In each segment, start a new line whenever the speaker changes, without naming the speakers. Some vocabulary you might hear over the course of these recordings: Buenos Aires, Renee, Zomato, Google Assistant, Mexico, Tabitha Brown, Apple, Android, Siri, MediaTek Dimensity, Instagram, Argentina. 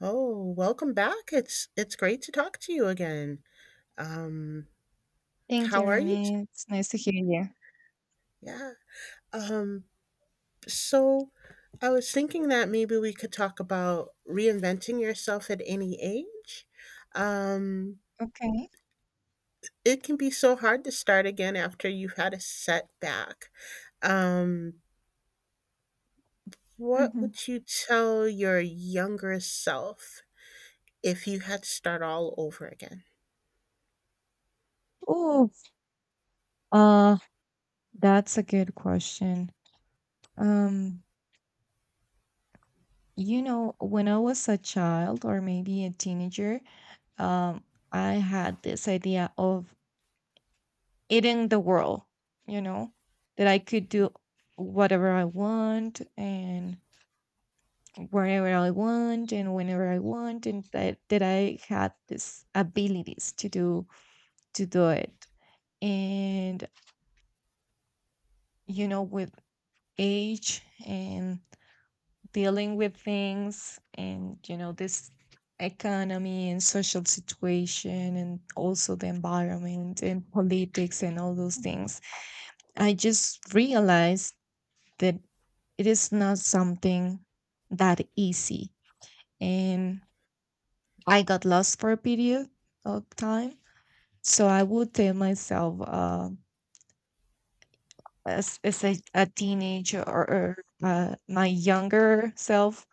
Oh, welcome back. It's great to talk to you again. Um,
Thank you,
how are you?
Renee. It's nice to hear you.
Yeah. Um, so I was thinking that maybe we could talk about reinventing yourself at any age. Um,
Okay.
it can be so hard to start again after you've had a setback. Um, what
hmm
would you tell your younger self if you had to start all over again?
Oh, uh, that's a good question. Um, you know, when I was a child or maybe a teenager, um, I had this idea of eating the world, you know, that I could do whatever I want and wherever I want and whenever I want, and that I had this abilities to do it. And you know, with age and dealing with things and you know this economy and social situation and also the environment and politics and all those things, I just realized that it is not something that easy, and I got lost for a period of time. So I would tell myself as a teenager, or my younger self,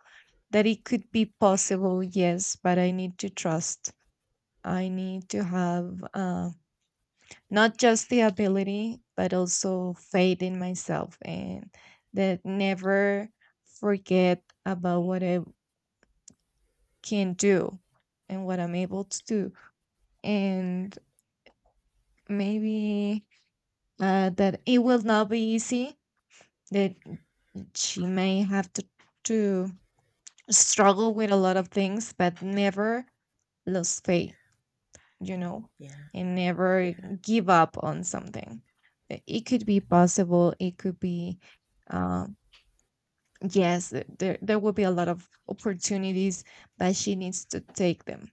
that it could be possible, yes, but I need to trust. I need to have, not just the ability, but also faith in myself, and that never forget about what I can do and what I'm able to do. And maybe, that it will not be easy, that she may have to struggle with a lot of things, but never lose
Yeah.
faith, you know,
Yeah.
and never
Yeah.
give up on something. It could be possible. It could be, um, yes, there will be a lot of opportunities, but she needs to take them.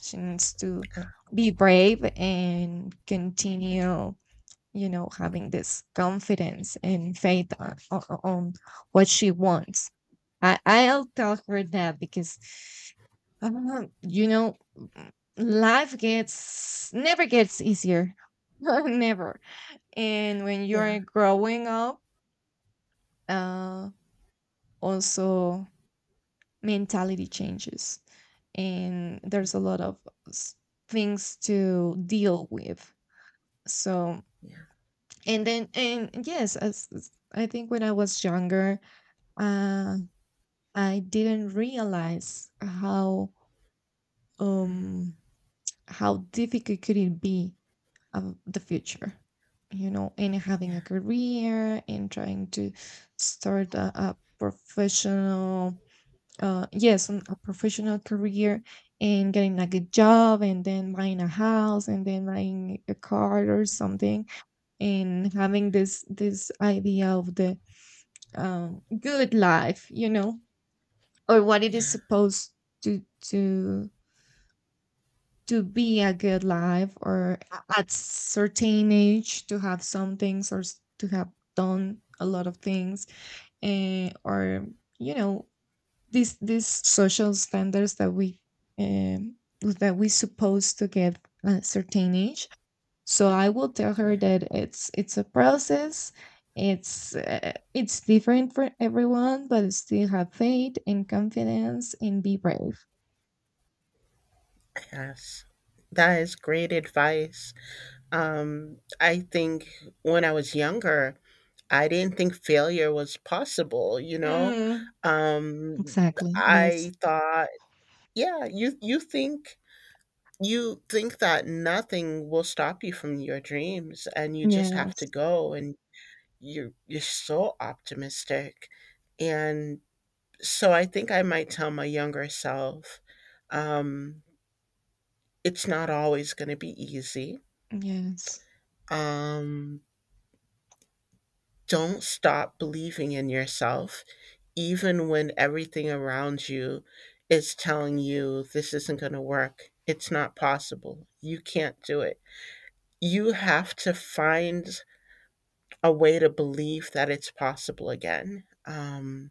She needs to
Uh,
be brave and continue, you know, having this confidence and faith on what she wants. I'll tell her that because, you know, life gets never gets easier, never. And when
yeah.
you're growing up, uh, also mentality changes, and there's a lot of s- things to deal with. So
Yeah.
and then and yes, as I think, when I was younger, uh, I didn't realize how, um how difficult could it be of the future, you know, and having a
Yeah.
career and trying to start a professional, yes, a professional career, and getting a good job, and then buying a house, and then buying a car or something, and having this idea of the, good life, you know, or what it is
Yeah.
supposed to to to be, a good life, or at certain age to have some things, or to have done a lot of things, or you know these social standards that we, um, that we supposed to get at a certain age. So I will tell her
Yeah,
that it's a process. It's, it's different for everyone, but still have faith and confidence and be brave.
yes. That is great advice. I think when I was younger, I didn't think failure was possible, you know?
Mm.
Um,
Exactly. Yes.
I thought, yeah, you think that nothing will stop you from your dreams and you just have to
Yes.
go and you're so optimistic. And so I think I might tell my younger self, um, it's not always going to be easy.
Yes.
Um, don't stop believing in yourself, even when everything around you is telling you this isn't going to work. It's not possible. You can't do it. You have to find a way to believe that it's possible again.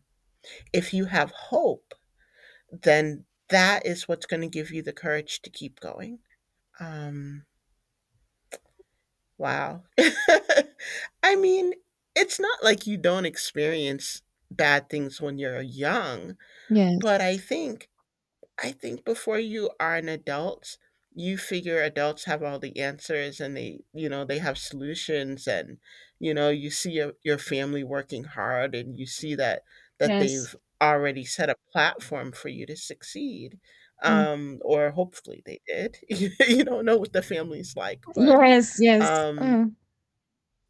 If you have hope, then that is what's going to give you the courage to keep going. Um, Wow. I mean, it's not like you don't experience bad things when you're young, but
Yes.
I think before you are an adult, you figure adults have all the answers and they, they have solutions. And you know, you see your family working hard, and you see that that
Yes.
they've already set a platform for you to succeed.
Ye-
Or hopefully they did. You don't know what the family's like, but
Yes. Yes.
um
Mm,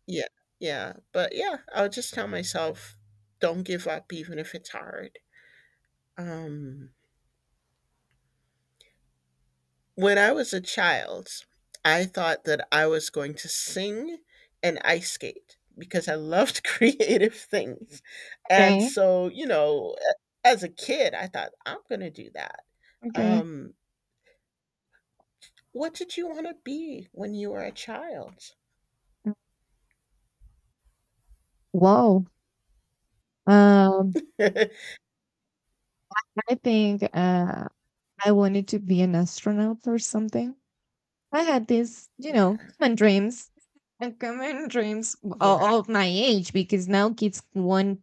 yeah, yeah, but yeah, I'll just tell myself, "Don't give up even if it's hard." Um, when I was a child, I thought that I was going to sing and ice skate because I loved creative things, and
okay.
so, you know, a as a kid, I thought, "I'm gonna do that."
Okay.
Um, what did you wanna be when you were a child?
Wow. Um, I think, I wanted to be an astronaut or something. I had these, you know,
Yeah,
common dreams and common dreams
yeah,
of my age, because now kids want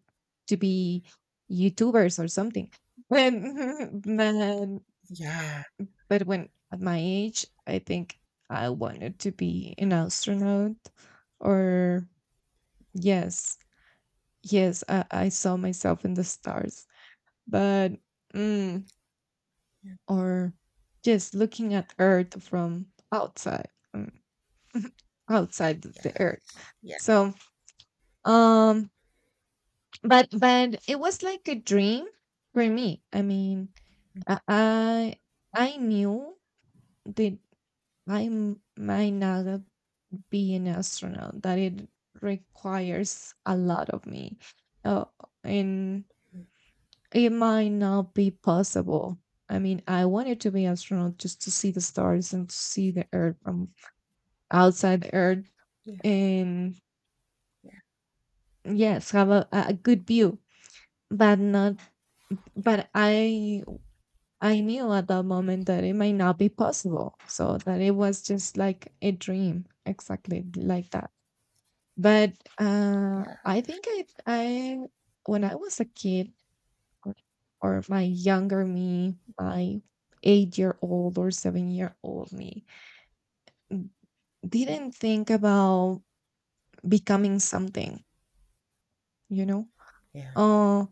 to be YouTubers or something. When, but,
yeah,
but when at my age, I think I wanted to be an astronaut, or yes, I saw myself in the stars, but mm,
yeah,
or just looking at Earth from outside, outside the Earth.
yes, yeah,
So Um, but it was like a dream for me. I mean, I I I knew that I might not be an astronaut. That it requires a lot of me, uh, and
mm,
it might not be possible. I mean, I wanted to be astronaut just to see the stars and to see the Earth from outside the Earth,
yeah,
and
yeah,
yes, have a a good view, but not.
yeah,
But I knew at that moment that it might not be possible. So that it was just like a dream, exactly like that. But,
yeah,
I think I, when I was a kid, or, or my younger me, my 8 year old or 7 year old me,
mm,
didn't think about becoming something, you know?
yeah,
Uh,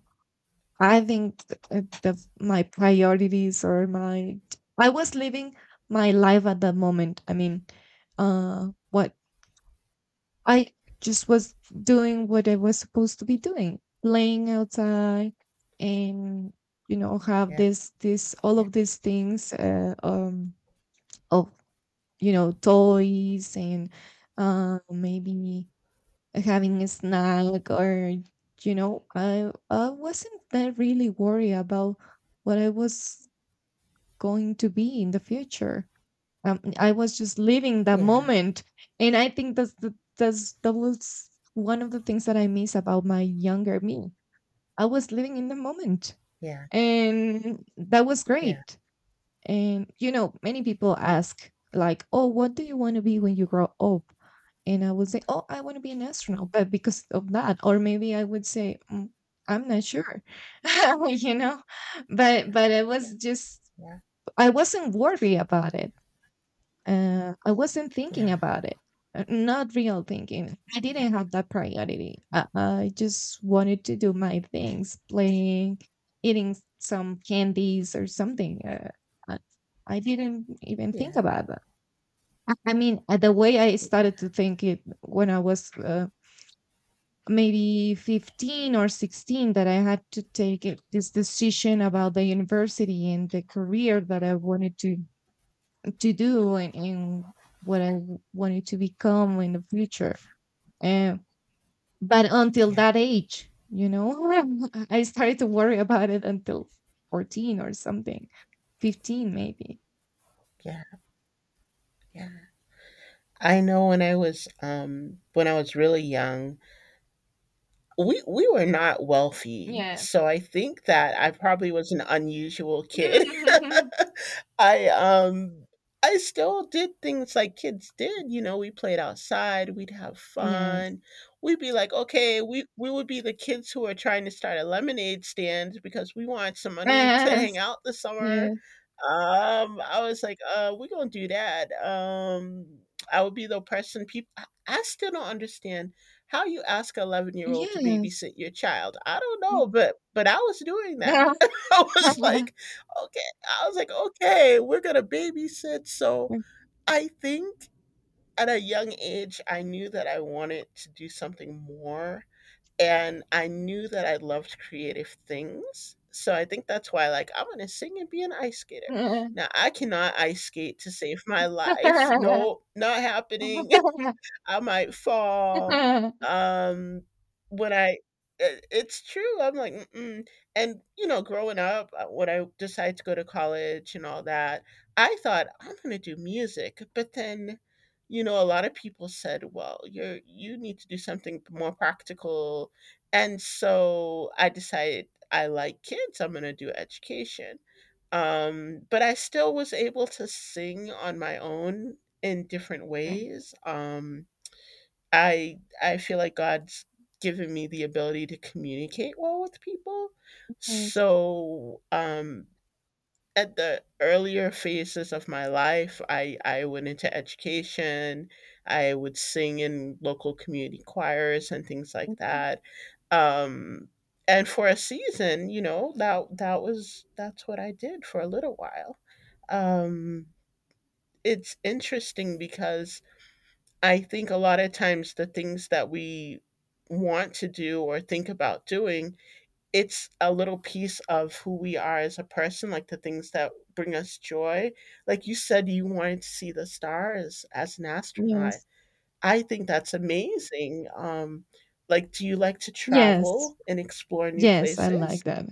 I think th- the my priorities, or my I was living my life at the moment. I mean, what I just was doing what I was supposed to be doing, playing outside, and you know have
yeah,
this all
yeah,
of these things, of you know toys and, maybe having a snack, or you know, I wasn't that really worried about what I was going to be in the future. I was just living that
yeah,
moment, and I think that's that was one of the things that I miss about my younger me. I was living in the moment,
yeah,
and that was
yeah,
great. And you know, many people ask, like, "Oh, what do you want to be when you grow up?" And I would say, "Oh, I want to be an astronaut," but because of that, or maybe I would say, "Mm, I'm not sure," you know. But it
yeah,
was just,
yeah,
I wasn't worried about it. I wasn't thinking
yeah,
about it. Not real thinking. I
yeah,
didn't
yeah,
have that priority. I just wanted to do my things, playing, eating some candies or something. I, I didn't even think
yeah,
about that. I mean, the way I started to think it, when I was, maybe 15 or 16, that I had to this decision about the university and the career that I wanted to do, and what I wanted to become in the future. Uh, but until
yeah,
that age, you know, I started to worry about it until 14 or something, 15 maybe.
yeah, yeah. I know when I was really young, we were not wealthy,
Yes.
so I think that I probably was an unusual kid. I um I still did things like kids did, you know, we played outside, we'd have
Yes.
fun. We'd be like, okay, we would be the kids who are trying to start a lemonade stand because we want some money to hang out this summer.
Yes.
I was like, we're gonna do that. I would be the person people I still don't understand how you ask an 11-year-old to
Yes.
babysit your child? I don't know, but I was doing that.
Yes.
I was like, "Okay." I was like, "Okay, we're gonna babysit." So, I think at a young age, I knew that I wanted to do something more, and I knew that I loved creative things. So, I think that's why, like, "I'm gonna sing and be an ice skater." Now I cannot ice skate to save my life.
Okay.
No, not happening. I might fall. Um, when I It's true, I'm like, "Mm-mm." And, you know, growing up, when I decided to go to college and all that, I thought, "I'm gonna do music," but then, you know, a lot of people said, "Well, you need to do something more practical," and so I decided I like kids, I'm gonna do education. But I still was able to sing on my own in different ways. I feel like God's given me the ability to communicate well with people.
Yes.
So, at the earlier phases of my life, I went into education. I would sing in local community choirs and things like
Mhm.
that. Um, and for a season, you know, that's what I did for a little while. Um, it's interesting because I think a lot of times the things that we want to do or think about doing, it's a little piece of who we are as a person, like the things that bring us joy. Like you said, you wanted to see the stars as an astronaut.
Yes.
I think that's amazing. Like, do you like to
Yes.
travel and explore new
Yes, I
places?
like that.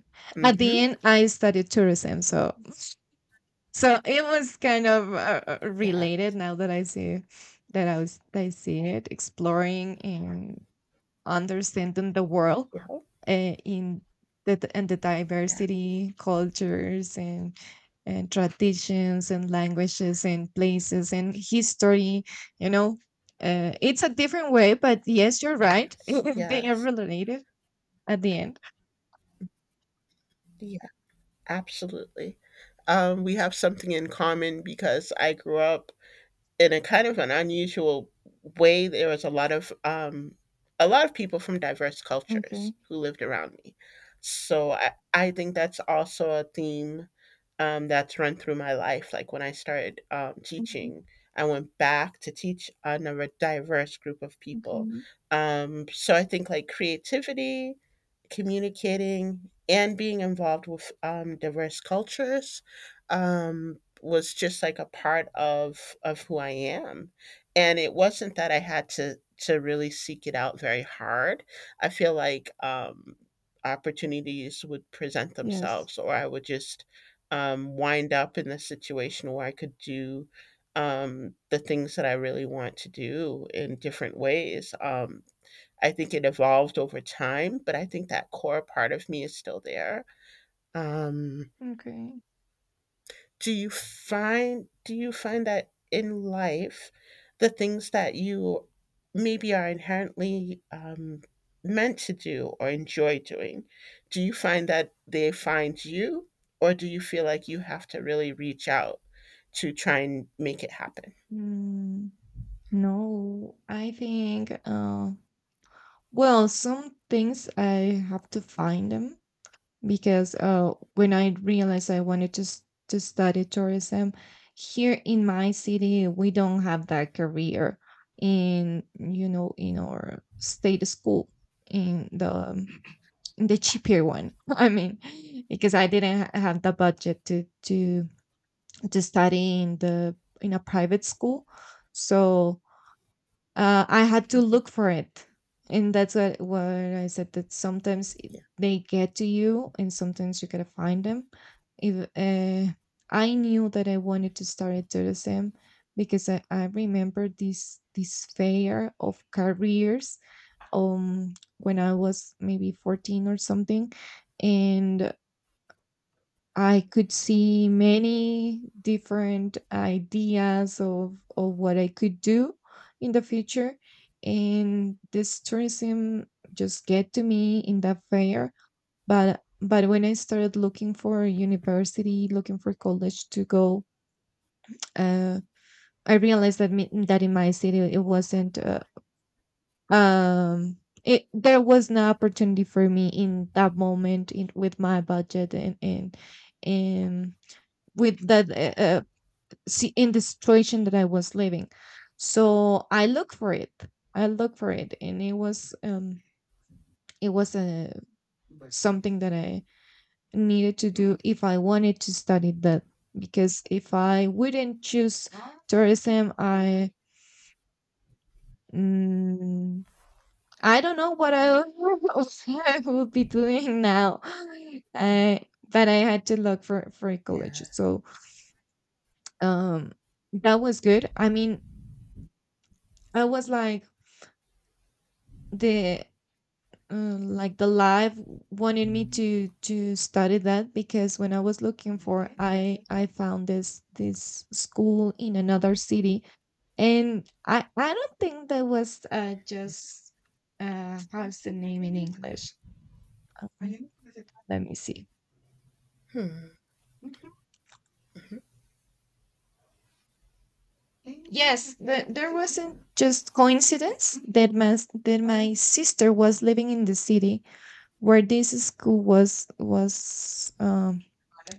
At
Mm-hmm.
the end, I studied tourism, so so it was kind of,
Yeah.
related. Now that I see that I see it, exploring and understanding the world,
Yeah. Oh,
uh, in the
yeah.
diversity, cultures, and traditions, and languages, and places, and history. You know, it's a different way, but yes, you're right.
Yes.
They are
Yes.
related at the end.
Yeah. Absolutely. We have something in common because I grew up in a kind of an unusual way. There was a lot of people from diverse cultures
Okay.
who lived around me, so I think that's also a theme that's run through my life, like when I started
Mhm.
teaching, I went back to teach another diverse group of people.
Okay.
So I think like creativity, communicating, and being involved with diverse cultures um, was just like a part of who I am. And it wasn't that I had to really seek it out very hard. I feel like opportunities would present
Yes.
themselves, or I would just wind up in the situation where I could do the things that I really want to do in different ways. I think it evolved over time, but I think that core part of me is still there. Um
Okay.
do you find that in life the things that you maybe are inherently meant to do or enjoy doing, do you find that they find you, or do you feel like you have to really reach out to try and make it happen?
Mm, no, I think. Well, some things I have to find them, because, when I realized I wanted to to study tourism here in my city, we don't have that career in you know in our state school, in the in the cheaper one. I mean, because I didn't have the budget to study in the in a private school. So, I had to
Mhm.
look for it, and that's what I said, that sometimes
Yeah.
they get to you, and sometimes you gotta find them. If, I knew that I wanted to start at tourism, because I remember this fair of careers, when I was maybe 14 or something, and I could see many different ideas of what I could do in the future. And this tourism just get to me in that fair. But when I started looking for university, looking for college to go, uh, I realized that in my city it wasn't, um it there was no opportunity for me in that moment, in, with my budget, and and with that see in the situation that I was living. So I look for it. I look for it, and it was, it was a something that I needed to do if I wanted to study that. Because if I wouldn't choose tourism, mm, I don't know what I I would be doing now. I, but I had to look for a college.
Yeah.
So, um, that was good. I mean, I was like the the life wanted me to study that, because when I was looking for, I found this school in another city, and I don't think that was, just how's the name in English? Let me see.
Hmm. Mhm.
Yes, there wasn't just coincidence that my that my sister was living in the city where this school was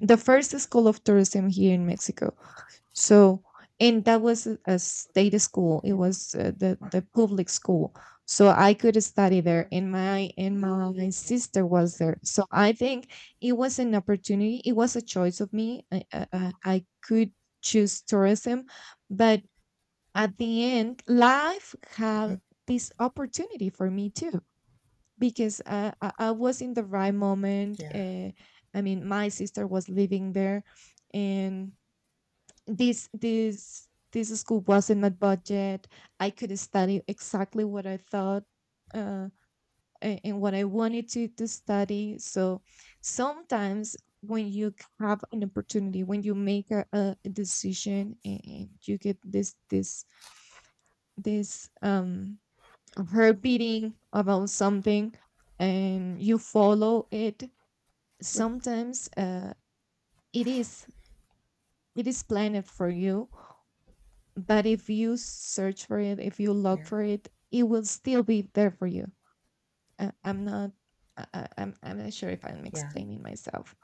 the first school of tourism here in Mexico. So, and that was a state school. It was, the public school, so I could study there. And my
Yeah.
sister was there. So I think it was an opportunity. It was a choice of me. I could choose tourism, but at the end, life
Mhm.
had this opportunity for me too, because, I was in the right moment.
Yeah.
I mean, my sister was living there, and this school was in my budget. I could study exactly what I thought, uh, and what I wanted to study. So sometimes when you have an opportunity, when you make a decision and you get this heart beating about something and you follow it. Sometimes it is it is planned for you. But if you search for it, if you look
Yeah.
for it, it will still be there for you. I, I'm not. I'm not sure if I'm
Yeah.
explaining myself.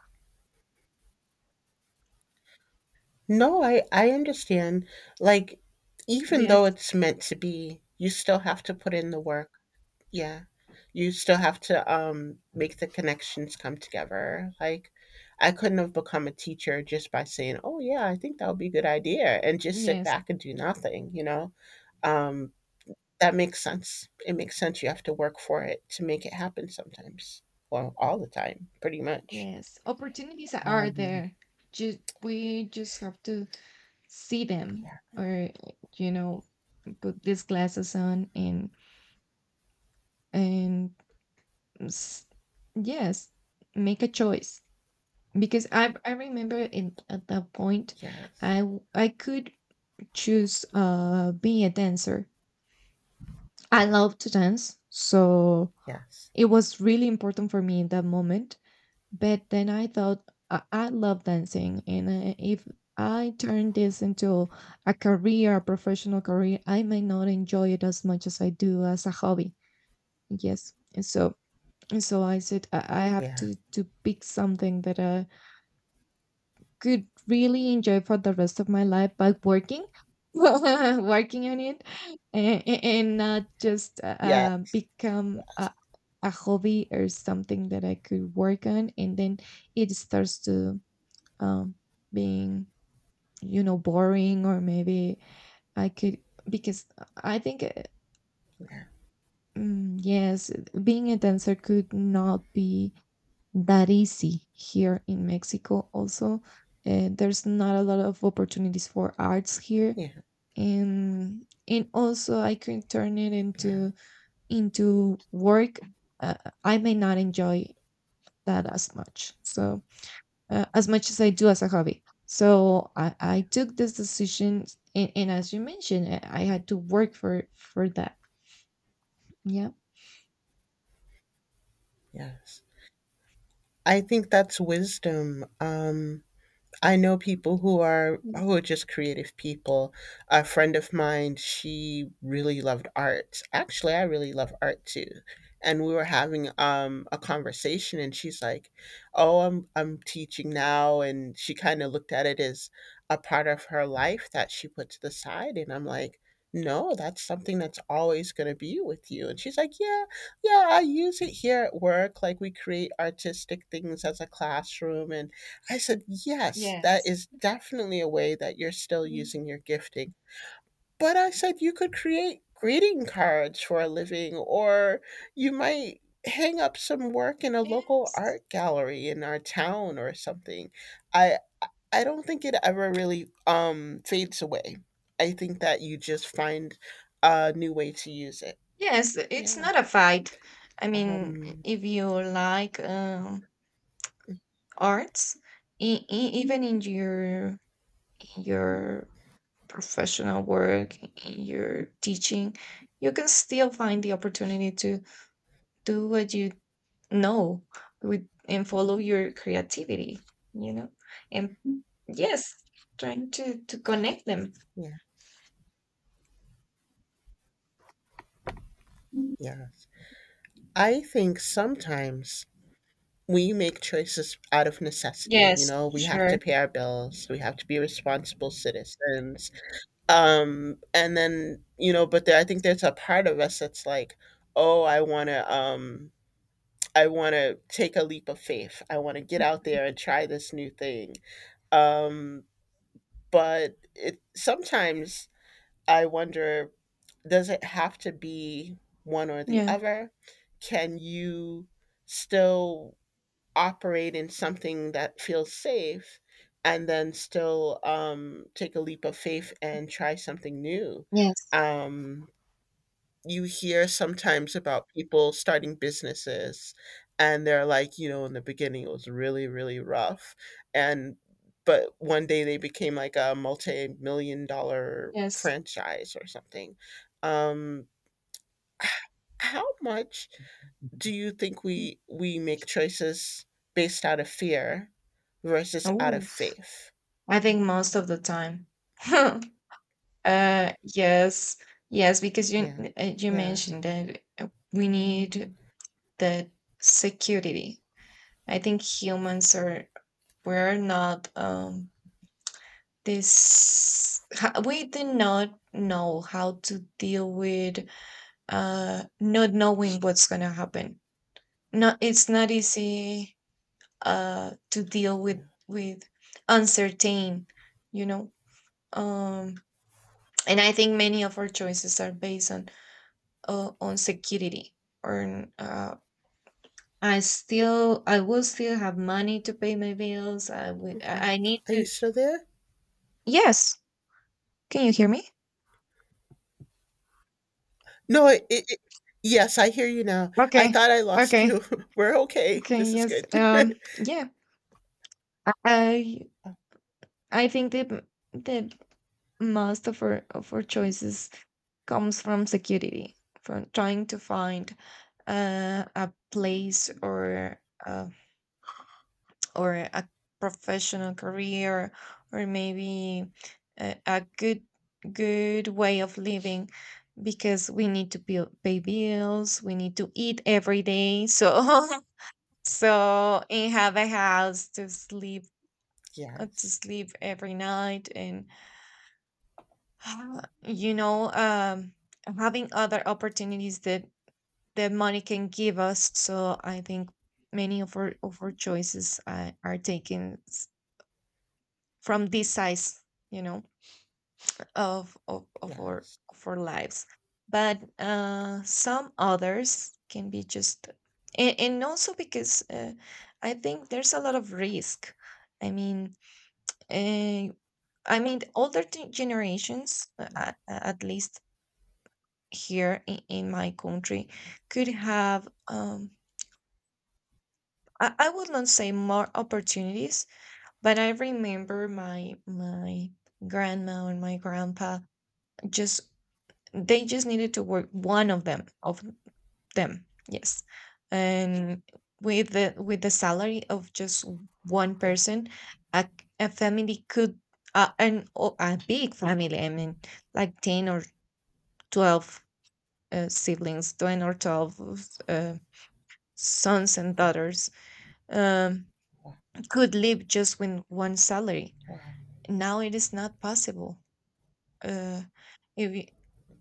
No, I understand, like, even
Yes,
though it's meant to be, you still have to put in the work. Yeah. You still have to, make the connections come together. Like, I couldn't have become a teacher just by saying, "Oh, yeah, I think that would be a good idea," and just sit
yes,
back and do nothing, you know? Um, that makes sense. It makes sense. You have to work for it to make it happen sometimes. Well, all the time, pretty much.
yes. Opportunities are
Um,
there. Just We just have to see them,
yeah.
or you know, put these glasses on and s- yes, make a choice. Because I remember in at that point,
Yes.
I could choose being a dancer. I love to dance, so
Yes.
it was really important for me in that moment. But then I thought I love dancing, and if I turn this into a career, a professional career, I may not enjoy it as much as I do as a hobby. Yes, and so I said I have
Yeah.
to pick something that could really enjoy for the rest of my life by working working on it, and not just
Yeah.
become
Yes.
a hobby or something that I could work on, and then it starts to um, being boring. Or maybe I could, because I think,
Yeah.
yes, being a dancer could not be that easy here in Mexico. Also, there's not a lot of opportunities for arts here,
Yeah.
and also I can turn it
Yeah.
into work. Uh, I may not enjoy that as much. So as much as I do as a hobby. So I
Yeah.
took this decision, and as you mentioned, I had to work for that. Yeah.
Yes. I think that's wisdom. I know people who are
Yes.
who are just creative people. A friend of mine, she really loved art. Actually, I really love art too. And we were having a conversation, and she's like, "Oh, I'm teaching now," and she kind of looked at it as a part of her life that she put to the side. And I'm like, "No, that's something that's always going to be with you." And she's like, "Yeah, yeah, I use it here at work. Like we create artistic things as a classroom and." I said, yes, that
Yes.
is definitely a way that you're still
Mm.
using your gifting. But I said, you could create greeting cards for a living, or you might hang up some work in a local
Yes.
art gallery in our town or something. I, I don't think it ever really fades away. I think that you just find a new way to use it.
Yes, it's
Yeah.
not a fight. I mean,
Um,
if you like arts, even in your professional work, in your teaching, you can still find the opportunity to do what you know with and follow your creativity, you know? And yes, trying to connect them.
yeah. Yes. I think sometimes we make choices out of necessity. You
Yes,
know, we have to
sure.
pay our bills, we have to be responsible citizens, and then, but there, I think there's a part of us that's like, oh, I want to take a leap of faith, I want to get out there and try this new thing um, but it sometimes, I wonder, does it have to be one or the
Yeah.
other? Can you still operate in something that feels safe and then still take a leap of faith and try something new?
Yes.
Um, you hear sometimes about people starting businesses, and they're like, in the beginning it was really, really rough. And but one day they became like a multi million dollar
Yes.
franchise or something. Um, h- how much do you think we make choices based out of fear versus out of
Oh.
faith?
I think most of the time. Yes, yes, because you
Yeah.
uh, you
Yeah.
mentioned that we need that security. I think humans are, we're not, we do not know how to deal with not knowing what's gonna happen. Not, it's not easy to deal with
Yeah.
with uncertain, you know. Um and I think many of our choices are based on security, or on, I will still have money to pay my bills. I would
Hmm.
I need
Are you
to.
still there?
Yes. Can you hear me?
No, yes, I hear you now. I
Okay.
thought I lost you.
Okay.
We're okay,
Okay.
this is
Yes.
good.
Yeah. i
Oh,
i think that that most of our choices comes from security, from trying to find a place, uh, or a professional career, or maybe a good way of living, because we need to pay bills, we need to eat every day, so so, and have a house to sleep,
yes,
to sleep every night, and uh, you know um having other opportunities that money can give us. So I think many of our choices are taken from this size, you know,
yes,
of our lives. But some others can be just, and also because I think there's a lot of risk. I mean, uh, older generations,
yeah,
at least here in my country, could have, I would not say more opportunities, but I remember my grandma and my grandpa. Just, they just needed to work one of them, yes. And with the salary of just one
yeah,
person, a, a family could, a big family, I mean, like 10 or 12 siblings, 10 or 12 uh, sons and
yeah,
daughters, um,
wow,
could live just with one salary.
wow.
Now it is not possible. Uh, if you-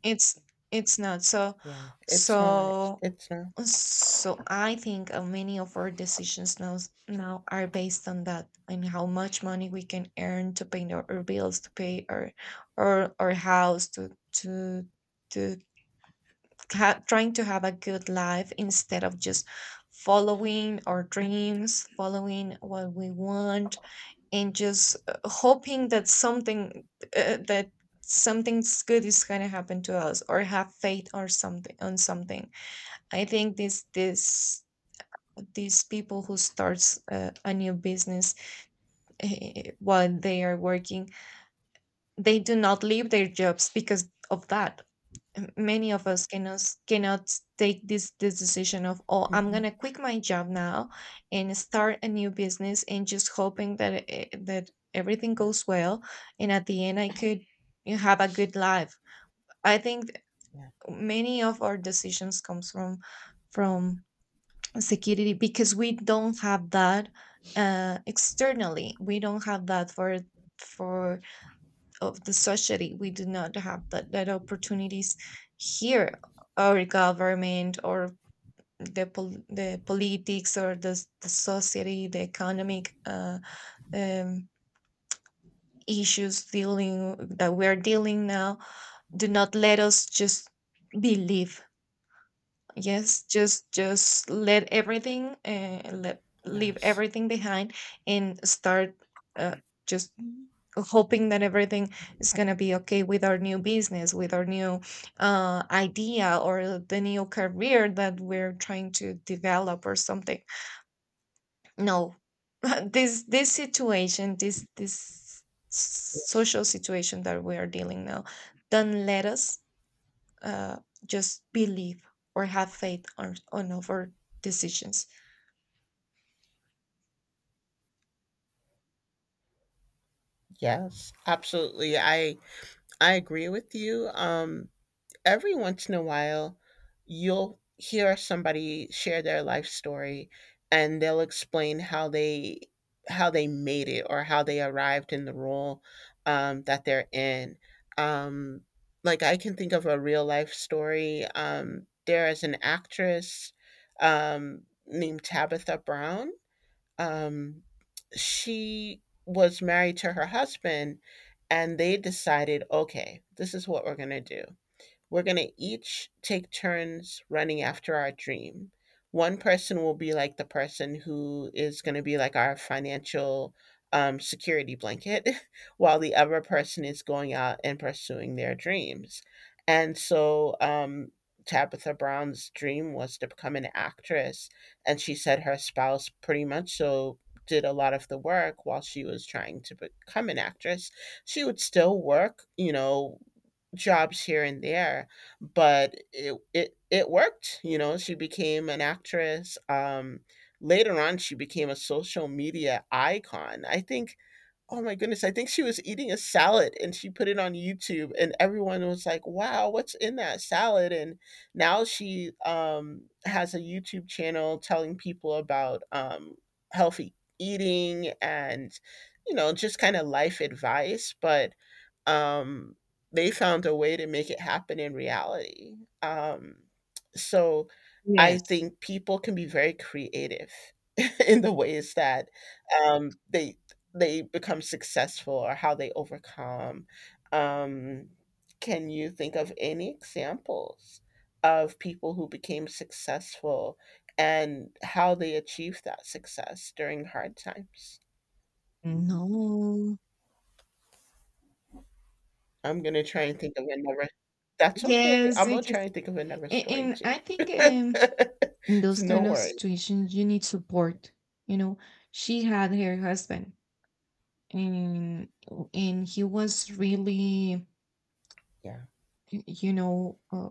it's it's not so,
Yeah, it's not
so.
it's not
So I think many of our decisions now, are based on that, and how much money we can earn to pay our bills, to pay our house, to to to trying to have a good life, instead of just following our dreams, following what we want, and just hoping that something, that something's good is gonna happen to us, or have faith, or something on something. I think this this these people who starts a new business, while they are working, they do not leave their jobs because of that. Many of us cannot, take this decision of, oh, I'm
Hmm.
gonna quit my job now and start a new business and just hoping that, that everything
Yeah,
goes well, and at the end I could have a good life. I think
yeah,
many of our decisions comes from, from security, because we don't have that, externally, we don't have that for, for of the society. We do not have that opportunities here. Our government, or the the politics, or the society, the economic, um, issues dealing that we're dealing now, do not let us just believe. Yes, just, let everything, let leave
yes,
everything behind, and start, uh, just hoping that everything is gonna be okay with our new business, with our new, idea, or the new career that we're trying to develop, or something. No, this, situation, this social situation that we are dealing now, don't let us, uh, just believe or have faith on, our decisions.
yes, absolutely, I agree with you. Every once in a while, you'll hear somebody share their life story, and they'll explain how they made it, or how they arrived in the role that they're in. Um, like I can think of a real life story. There is an actress named Tabitha Brown. Um, she was married to her husband, and they decided, okay, this is what we're going to do. We're going to each take turns running after our dream. One person will be like the person who is going to be like our financial security blanket, while the other person is going out and pursuing their dreams. And so Tabitha Brown's dream was to become an actress. And she said her spouse pretty much so did a lot of the work while she was trying to become an actress. She would still work, you know, jobs here and there, but it worked. You know, she became an actress. Later on, she became a social media icon, I think. Oh my goodness! I think she was eating a salad and she put it on YouTube, and everyone was like, "Wow, what's in that salad?" And now she has a YouTube channel telling people about healthy eating and, you know, just kind of life advice. But um, they found a way to make it happen in reality. Um, so I
Yes.
think people can be very creative in the ways that um, they they become successful or how they overcome. Um, can you think of any examples of people who became successful and how they achieved that success during hard times?
No.
I'm gonna try and think of another. That's okay.
Yes,
I'm gonna
because
try and think of another
a-
story
and
too.
I think, in
It's
those
no
kind of
worry.
situations you need support. You know, she had her husband, and he was really,
Yeah.
you know, uh,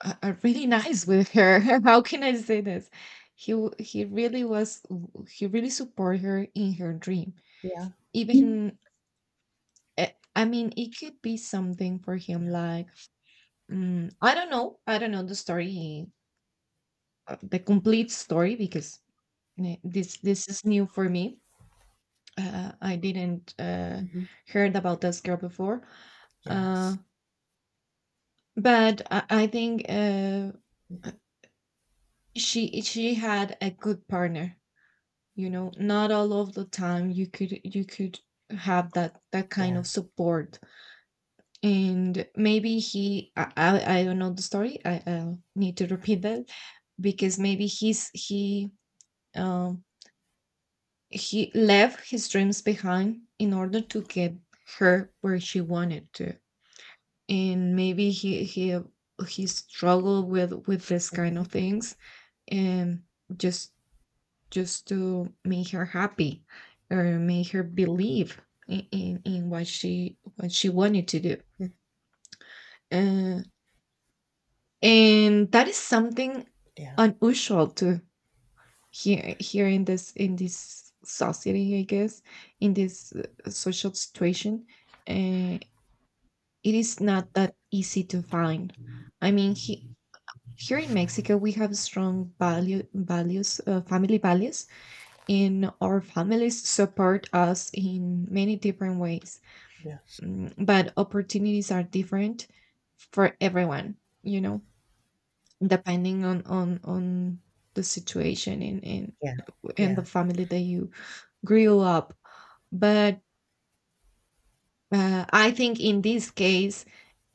really nice with her. How can I say this? He really was. He really supported her in her dream,
Yeah.
even, I mean, it could be something for him,
Yeah.
like, I don't know, the story. He The complete story, because, this is new for me. I didn't,
Hmm.
heard about this girl before. uh,
Yes.
but I think, uh, she had a good partner. You know, not all of the time you could, have that kind
Yeah.
of support. And maybe he I don't know the story. I'll need to repeat that, because maybe he, um he left his dreams behind in order to get her where she wanted to, and maybe he struggled with this kind
Hmm.
of things, and just, to make her happy, or make her believe in what she wanted to do, uh, and that is something
Yeah.
unusual to hear here in this, society, I guess, in this, social situation. uh, it is not that easy to find. I mean, here in Mexico, we have strong values, family values, and our families support us in many different ways.
Yes.
But opportunities are different for everyone, you know, depending on, the situation
Yeah.
in
Yeah.
the family that you grew up. But, I think in this case,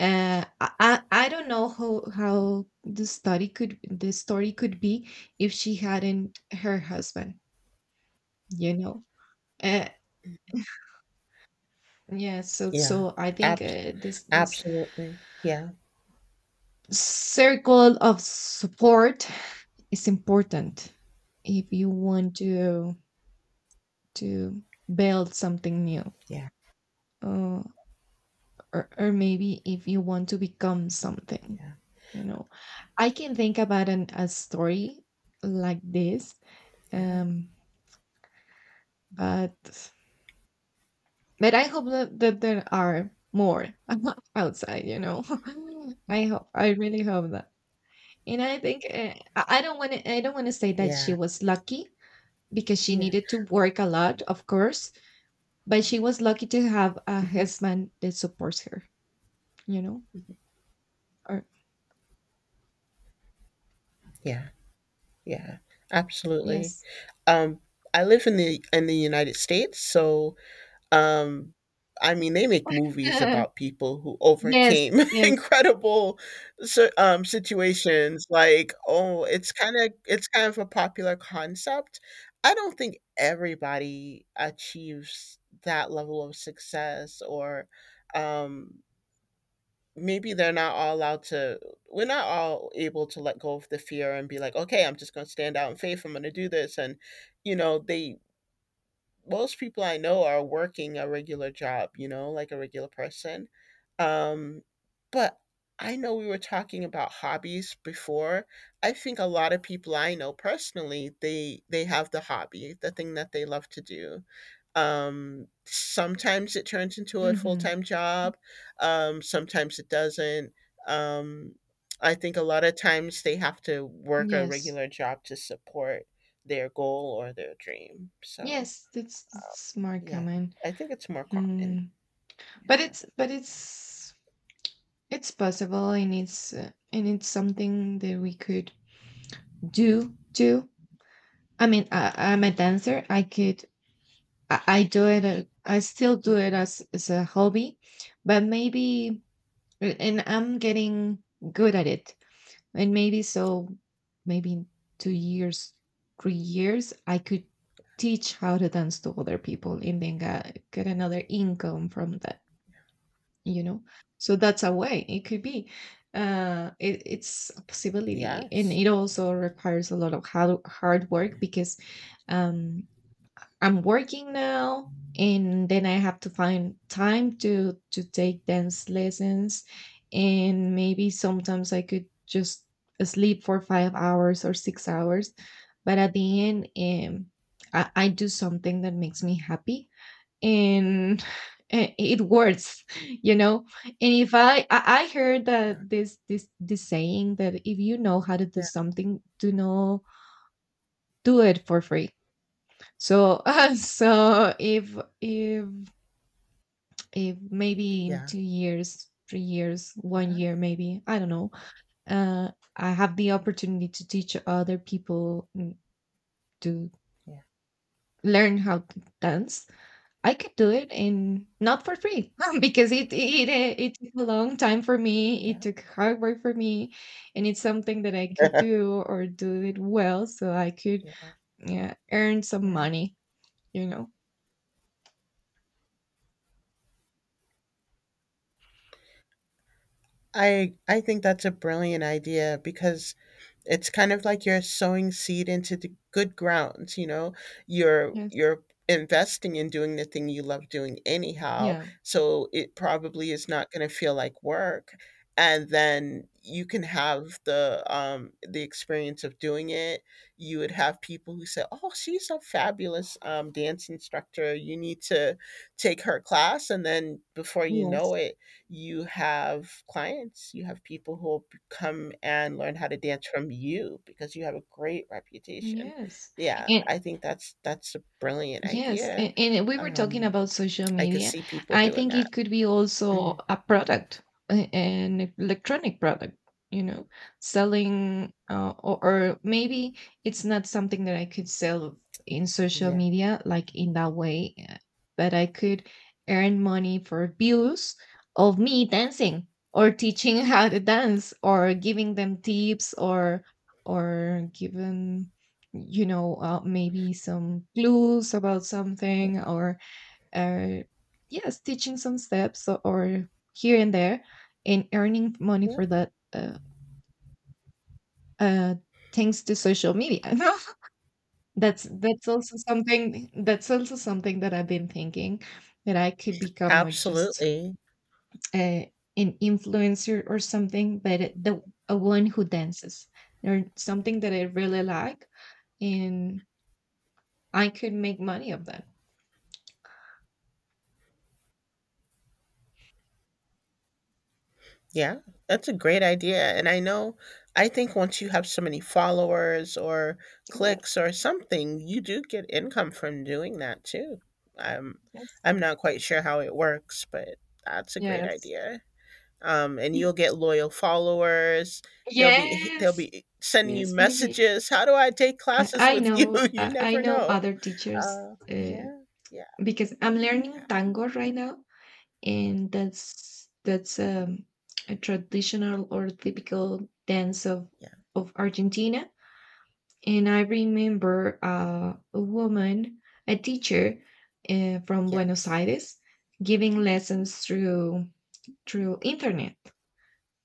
I, I don't know how, the story could be if she hadn't her husband, you know. uh, yeah, so,
Yeah.
I think,
Abs-
this,
Absolutely. Yeah.
circle of support is important if you want to, to build something new,
Yeah.
uh, or, maybe if you want to become something,
Yeah.
you know. I can think about a story like this,
Yeah.
um but, I hope that there are more, outside, you know. I really hope that. And I think, I don't want to, say that she
Yeah.
was lucky, because she
Yeah.
needed to work a lot, of course, but she was lucky to have a
Hmm.
husband that supports her, you know, or,
Yeah. Yeah. Absolutely.
yes.
Um, I live in the United States. Um, I mean, they make movies about people who
Yes,
overcame
yes.
incredible situations. Like, oh, it's kind of a popular concept. I don't think everybody achieves that level of success, or um, maybe they're not all allowed to. We're not all able to let go of the fear and be like, okay, I'm just going to stand out in faith. I'm going to do this, and, you know, they most people I know are working a regular job, you know, like a regular person. Um, but I know we were talking about hobbies before. I think a lot of people I know personally, they have the hobby, the thing that they love to do. Sometimes it turns into a full
Mhm.
time job. Sometimes it doesn't. Um, I think a lot of times they have to work a
Yes.
regular job to support their goal or their dream. So
Yes, that's, more
yeah,
common.
I think it's more common.
Mm. But
Yeah.
it's, it's possible, and it's something that we could do too. I mean, I'm a dancer. I do it, I still do
Mhm.
it as, a hobby, but maybe, and I'm getting good at it. And maybe, in 2 years, 3 years, I could teach how to dance to other people, and then get another income from that, you know, so that's a way it could be. It, it's a possibility, and
Yes.
it also requires a lot of hard, hard work, because, um I'm working now, and then I have to find time to, take dance lessons, and maybe sometimes I could just sleep for 5 hours or 6 hours. But at the end, I do something that makes me happy, and it works, you know. And if I heard
Yeah.
that this, saying that if you know how to do
Yeah.
something, do it for free. So, so, if, maybe in
Yeah.
2 years, 3 years, one
Yeah.
year, maybe I don't know, uh, I have the opportunity to teach other people, to learn how to dance. I could do it, and not for free, because it, it took a long time for me. It
Yeah.
took hard work for me, and it's something that I could do, or do it well, so I could,
Yeah.
yeah, earn some
Yeah.
money. You know.
I think that's a brilliant idea, because it's kind of like you're sowing seed into the good grounds, you know. You're
Yes.
you're investing in doing the thing you love doing anyhow,
Yeah.
so it probably is not going to feel like work. And then you can have the experience of doing it. You would have people who say, "Oh, she's a fabulous dance instructor. You need to take her class." And then before you know
Yes.
it, you have clients, you have people who will come and learn how to dance from you because you have a great reputation.
Yes.
Yeah,
And
I think that's a brilliant
yes,
idea.
and we were talking
Um,
about social
I could
media.
see people
I
doing
think
that.
it could be also
Mhm.
a product, an electronic product, you know, selling, or, maybe it's not something that I could sell in social
Yeah,
media, like in that way, but I could earn money for views of me dancing, or teaching, how to dance, or giving them tips, or giving, you know, maybe some clues about
yeah,
something, or, uh, yes, teaching some steps, or here and there, and earning money
yeah.
for that, uh, thanks to social media. That's, also something, that I've been thinking, that I could become, just,
Absolutely.
uh, an influencer or something, but it- the a one who dances, or something that I really like, and I could make money of that.
Yeah, that's a great idea. And I know, I think once you have so many followers or
Yes.
clicks or something, you do get income from doing that too. I'm,
Yes.
I'm not quite sure how it works, but that's a great
Yes.
idea. And you'll get loyal followers. They'll be they'll
Yes.
be sending you
Yes, maybe.
messages. How do I take classes with you? You
I
never
know
know.
other teachers, uh,
Yeah, yeah,
because I'm learning
yeah,
tango right now, and that's a traditional or typical dance
yeah.
of Argentina. And I remember, a woman, a teacher, from Buenos
Yes,
Aires, giving lessons through, internet.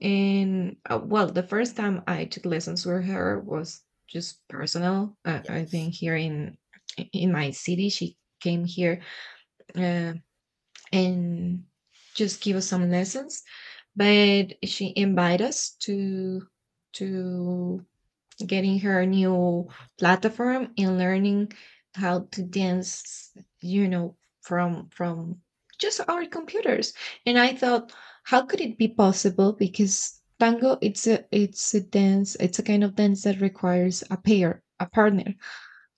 And, well, the first time I took lessons with her was just personal. I
yes,
think here, in my city, she came here, uh, and just give us some lessons. But she invited us to, to getting her a new
yeah,
platform and learning how to dance, you know, from just our computers. And I thought, how could it be possible, because tango, it's a kind of dance that requires a partner.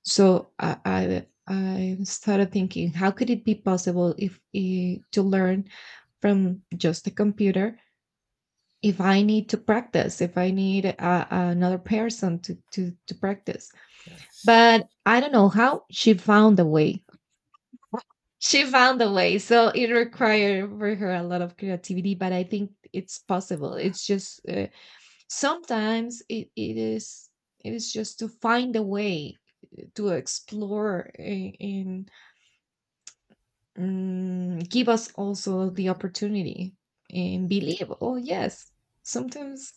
So I started thinking, how could it be possible, if, to learn from just a computer, if I need to practice, if I need another person to practice.
yes.
But I don't know how she found a way. She found a way. So it
Hmm.
required for her a lot of creativity, but I think it's possible.
Wow.
It's just, sometimes it is, just to find a way, to explore, and, give us also the
Hmm.
opportunity, and believe. Oh, yes, sometimes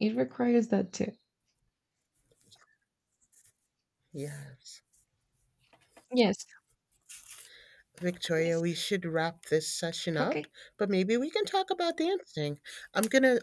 it requires that too.
Yes.
Yes.
Victoria,
Yes.
we should wrap this session up,
Okay.
but maybe we can talk about dancing. I'm gonna